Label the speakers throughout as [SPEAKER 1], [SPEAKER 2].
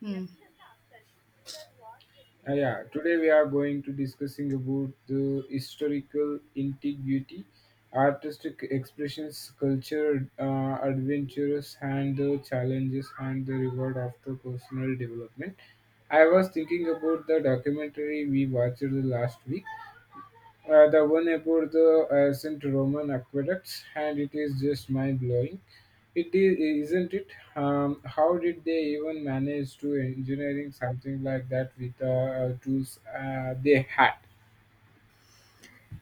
[SPEAKER 1] Hmm.
[SPEAKER 2] Yeah, today we are going to discussing about the historical integrity, artistic expressions, culture, adventures, and the challenges and the reward of the personal development. I was thinking about the documentary we watched the last week. The one about the St. Roman aqueducts, and it is just mind blowing. It is, isn't it? How did they even manage to engineering something like that with the tools they had?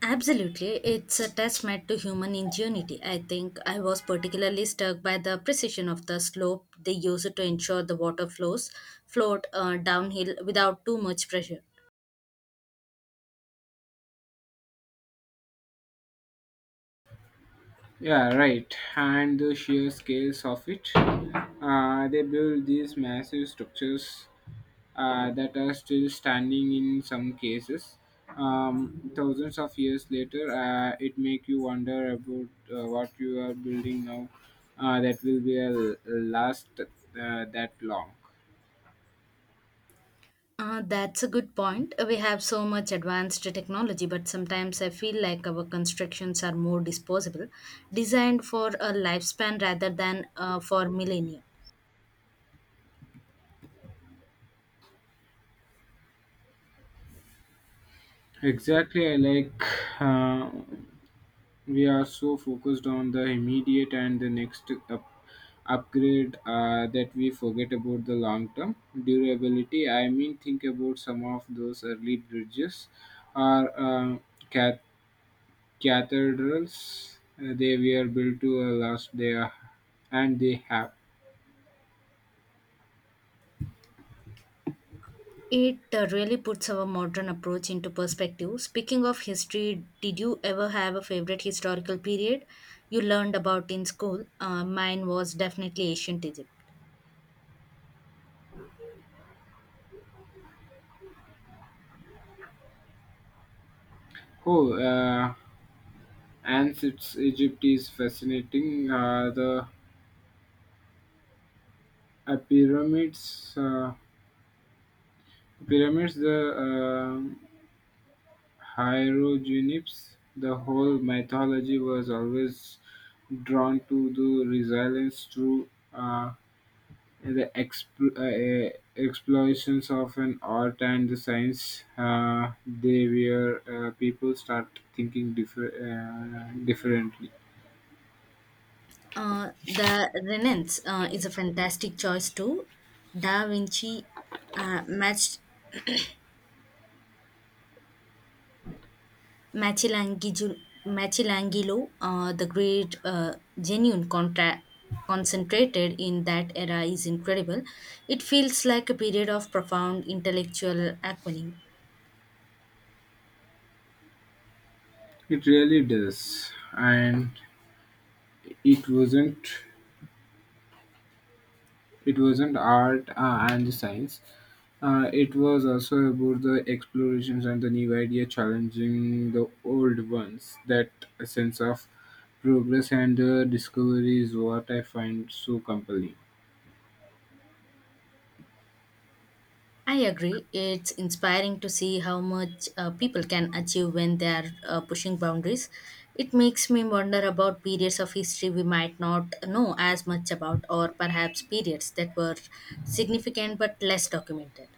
[SPEAKER 1] Absolutely. It's a testament to human ingenuity. I think I was particularly struck by the precision of the slope they used to ensure the water flows flowed downhill without too much pressure.
[SPEAKER 2] Yeah, right. And the sheer scales of it. They build these massive structures that are still standing in some cases, thousands of years later. It make you wonder about what you are building now that will be last that long.
[SPEAKER 1] That's a good point. We have so much advanced technology, but sometimes I feel like our constructions are more disposable, designed for a lifespan rather than, for millennia.
[SPEAKER 2] Exactly, I like. uh, we are so focused on the immediate and the next upgrade, that we forget about the long term durability. I mean, think about some of those early bridges or cat cathedrals. They were built to last there, and they have.
[SPEAKER 1] It really puts our modern approach into perspective. Speaking of history, did you ever have a favorite historical period you learned about in school? Mine was definitely ancient Egypt.
[SPEAKER 2] Oh, Egypt is fascinating. The uh, pyramids, uh, pyramids, the hieroglyphs, the whole mythology was always drawn to the resilience through. Uh, the explosions of an art and the science, they where people start thinking differently.
[SPEAKER 1] The Renaissance is a fantastic choice too. Da Vinci matched Michelangelo, Michelangelo, the great genuine contra- concentrated in that era is incredible. It feels like a period of profound intellectual awakening.
[SPEAKER 2] It really does, and it wasn't it wasn't art and the science. It was also about the explorations and the new idea challenging the old ones. That sense of progress and discovery is what I find so compelling.
[SPEAKER 1] I agree. It's inspiring to see how much people can achieve when they are pushing boundaries. It makes me wonder about periods of history we might not know as much about, or perhaps periods that were significant but less documented.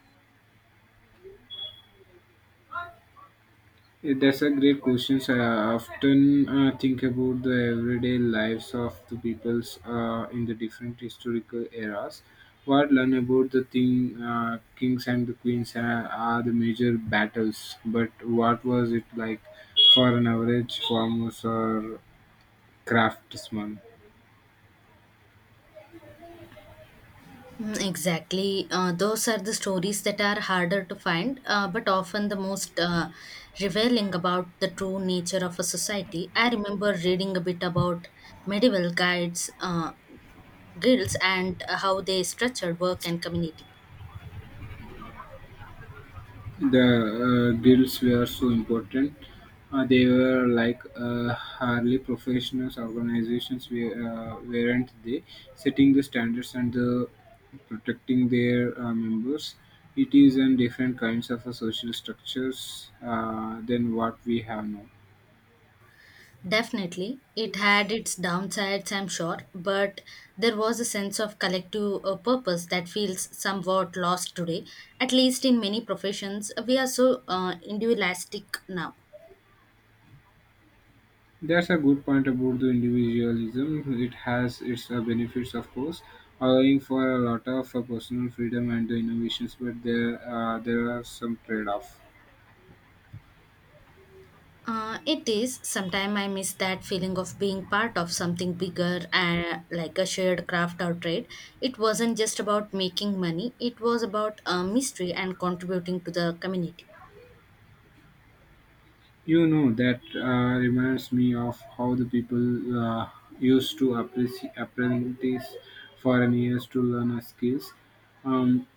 [SPEAKER 2] Yeah, that's a great question. I often think about the everyday lives of the peoples in the different historical eras. What learn about the thing, kings and the queens are the major battles, but what was it like for an average farmer or craftsman?
[SPEAKER 1] Mm, exactly. Those are the stories that are harder to find, but often the most revealing about the true nature of a society. I remember reading a bit about medieval guides, uh, guilds, and how they structured work and community.
[SPEAKER 2] The guilds were so important. They were like hardly professional organizations, weren't they? Setting the standards and the protecting their members. It is in different kinds of social structures than what we have now.
[SPEAKER 1] Definitely, it had its downsides, I'm sure, but there was a sense of collective purpose that feels somewhat lost today. At least in many professions, we are so individualistic now.
[SPEAKER 2] That's a good point about the individualism. It has its benefits, of course, allowing for a lot of personal freedom and the innovations, but there are some trade-offs.
[SPEAKER 1] It is. Sometimes I miss that feeling of being part of something bigger, and like a shared craft or trade. It wasn't just about making money, it was about mystery and contributing to the community.
[SPEAKER 2] You know, that reminds me of how the people used to apprentice foreign years to learn a skills. Um,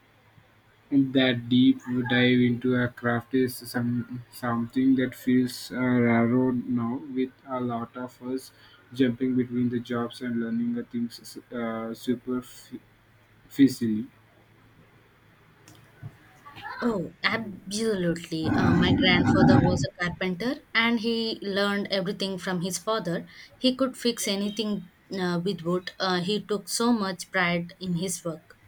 [SPEAKER 2] and that deep dive into a craft is something that feels railroad now, with a lot of us jumping between the jobs and learning the things super f-
[SPEAKER 1] Oh, absolutely. My grandfather was a carpenter and he learned everything from his father. He could fix anything with wood. He took so much pride in his work.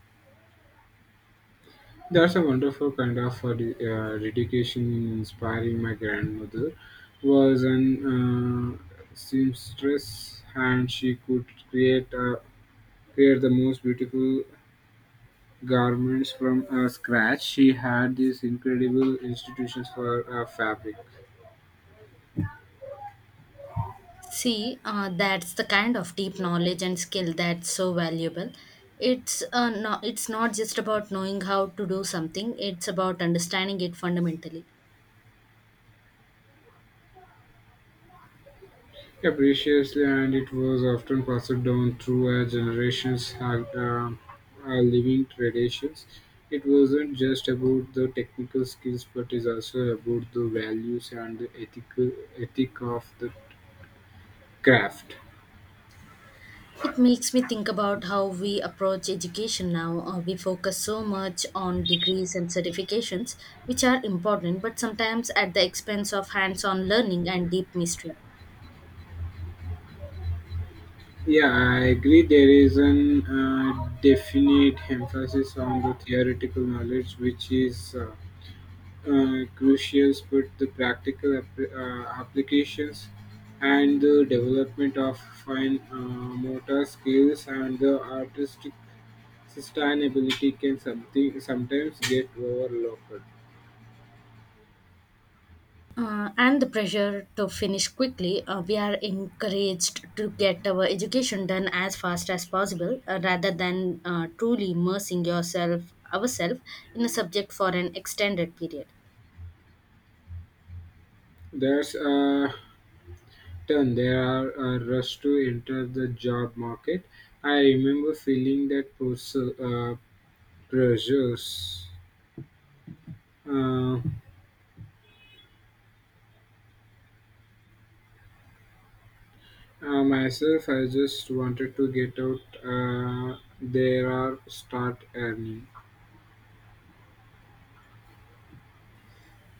[SPEAKER 2] That's a wonderful kind of dedication in inspiring. My grandmother was an seamstress, and she could create the most beautiful garments from scratch. She had these incredible institutions for fabric.
[SPEAKER 1] See, that's the kind of deep knowledge and skill that's so valuable. It's not just about knowing how to do something, it's about understanding it fundamentally.
[SPEAKER 2] Yeah, preciously, and it was often passed down through generations have living traditions. It wasn't just about the technical skills, but is also about the values and the ethic of the craft.
[SPEAKER 1] It makes me think about how we approach education now. We focus so much on degrees and certifications, which are important, but sometimes at the expense of hands on learning and deep mystery.
[SPEAKER 2] Yeah, I agree. There is an definite emphasis on the theoretical knowledge, which is crucials, but the practical applications and the development of fine motor skills and the artistic sustainability can something sometimes get overlooked.
[SPEAKER 1] And the pressure to finish quickly, we are encouraged to get our education done as fast as possible, rather than, truly immersing ourselves, in a subject for an extended period.
[SPEAKER 2] There's a ton. There are a rush to enter the job market. I remember feeling that pressures. Uh, Myself, I just wanted to get out there or start earning.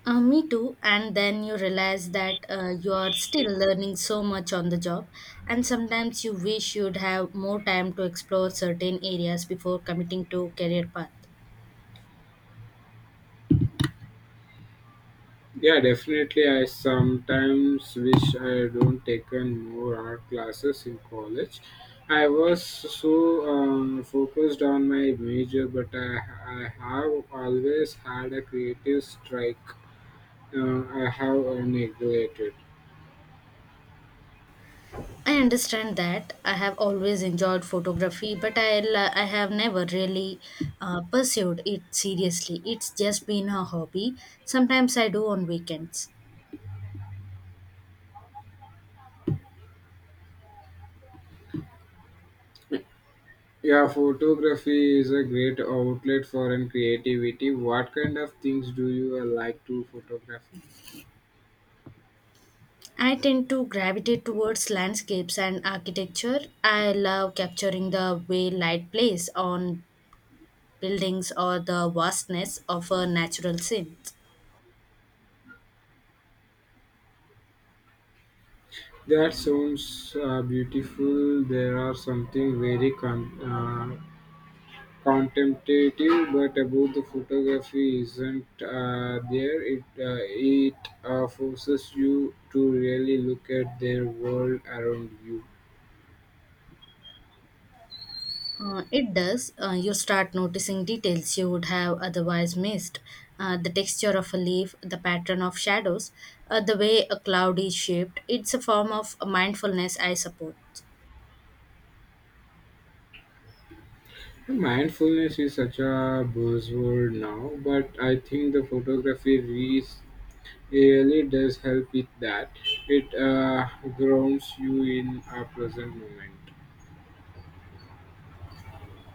[SPEAKER 1] Me too. And then you realize that you are still learning so much on the job, and sometimes you wish you'd have more time to explore certain areas before committing to career path.
[SPEAKER 2] Yeah, definitely. I sometimes wish I don't taken more art classes in college. I was so focused on my major, but I have always had a creative strike. I have neglected.
[SPEAKER 1] I understand that. I have always enjoyed photography, but I have never really pursued it seriously. It's just been a hobby. Sometimes I do on weekends.
[SPEAKER 2] Yeah, photography is a great outlet for an creativity. What kind of things do you like to photograph?
[SPEAKER 1] I tend to gravitate towards landscapes and architecture. I love capturing the way light plays on buildings or the vastness of a natural scene.
[SPEAKER 2] That sounds beautiful. There are something very contemplative, but about the photography isn't there. It it forces you to really look at their world around you.
[SPEAKER 1] It does. You start noticing details you would have otherwise missed. The texture of a leaf, the pattern of shadows, the way a cloud is shaped. It's a form of mindfulness, I suppose.
[SPEAKER 2] Mindfulness is such a buzzword now, but I think the photography really does help with that. It grounds you in a present moment.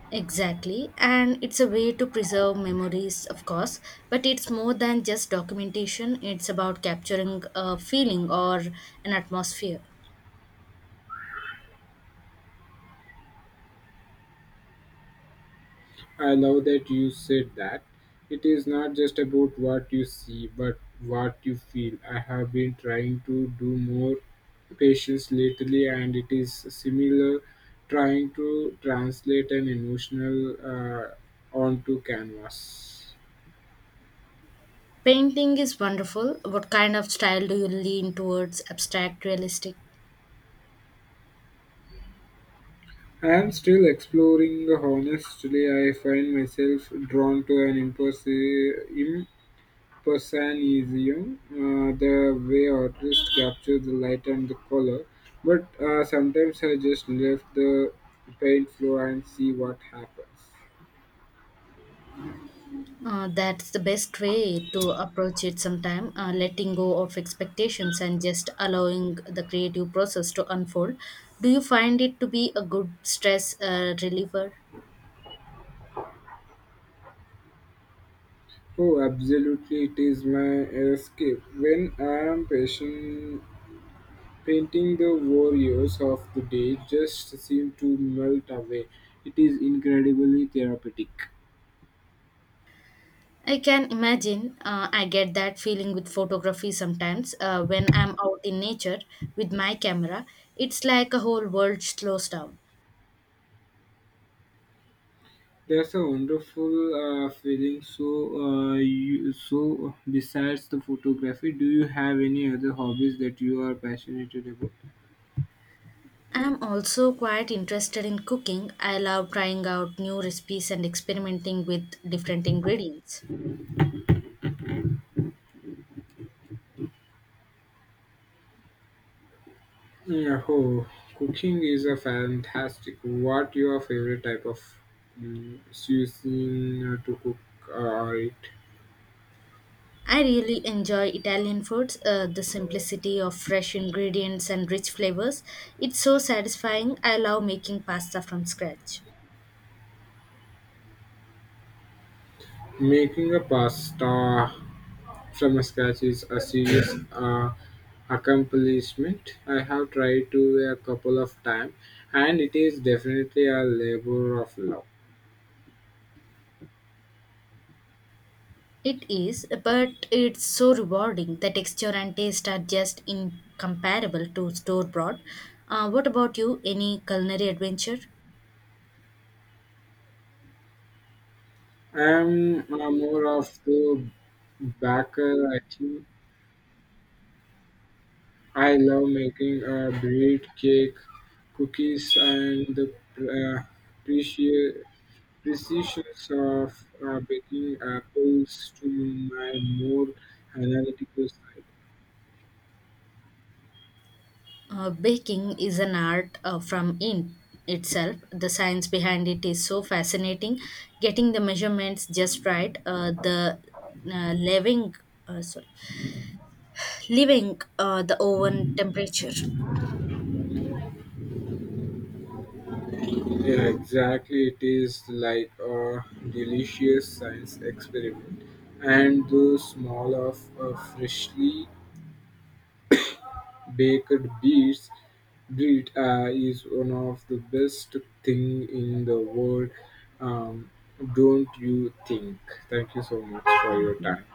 [SPEAKER 1] Exactly. And it's a way to preserve memories, of course. But it's more than just documentation, it's about capturing a feeling or an atmosphere.
[SPEAKER 2] I love that you said that. It is not just about what you see, but what you feel. I have been trying to do more patience lately, and it is similar trying to translate an emotional onto canvas.
[SPEAKER 1] Painting is wonderful. What kind of style do you lean towards? Abstract, realistic?
[SPEAKER 2] I am still exploring. Honestly, I find myself drawn to an impulsive Persianism, the way artists capture the light and the color, but sometimes I just left the paint floor and see what happens.
[SPEAKER 1] That's the best way to approach it sometime, letting go of expectations and just allowing the creative process to unfold. Do you find it to be a good stress reliever?
[SPEAKER 2] Oh, absolutely, it is my escape. When I am patient, painting the warriors of the day just seem to melt away. It is incredibly therapeutic.
[SPEAKER 1] I can imagine, I get that feeling with photography sometimes when I'm out in nature with my camera. It's like a whole world slows down.
[SPEAKER 2] That's a wonderful feeling. So, besides the photography, do you have any other hobbies that you are passionate about?
[SPEAKER 1] I'm also quite interested in cooking. I love trying out new recipes and experimenting with different ingredients.
[SPEAKER 2] Yeah, oh, cooking is a fantastic. What your favorite type of cuisine to cook or eat?
[SPEAKER 1] I really enjoy Italian foods, the simplicity of fresh ingredients and rich flavors. It's so satisfying. I love making pasta from scratch.
[SPEAKER 2] Making a pasta from scratch is a serious accomplishment. I have tried to a couple of times, and it is definitely a labor of love.
[SPEAKER 1] It is, but it's so rewarding. The texture and taste are just incomparable to store bought. What about you? Any culinary adventure?
[SPEAKER 2] I'm more of the backer. I think I love making bread, cake, cookies, and the uh, preci- precisions of baking apples to my more analytical side.
[SPEAKER 1] Baking is an art from in itself. The science behind it is so fascinating. Getting the measurements just right, the leavening, sorry leaving, the oven temperature.
[SPEAKER 2] Yeah, exactly. It is like a delicious science experiment, and the smell of freshly baked beets bread is one of the best thing in the world, um, don't you think? Thank you so much for
[SPEAKER 1] Thank
[SPEAKER 2] your
[SPEAKER 1] you.
[SPEAKER 2] time.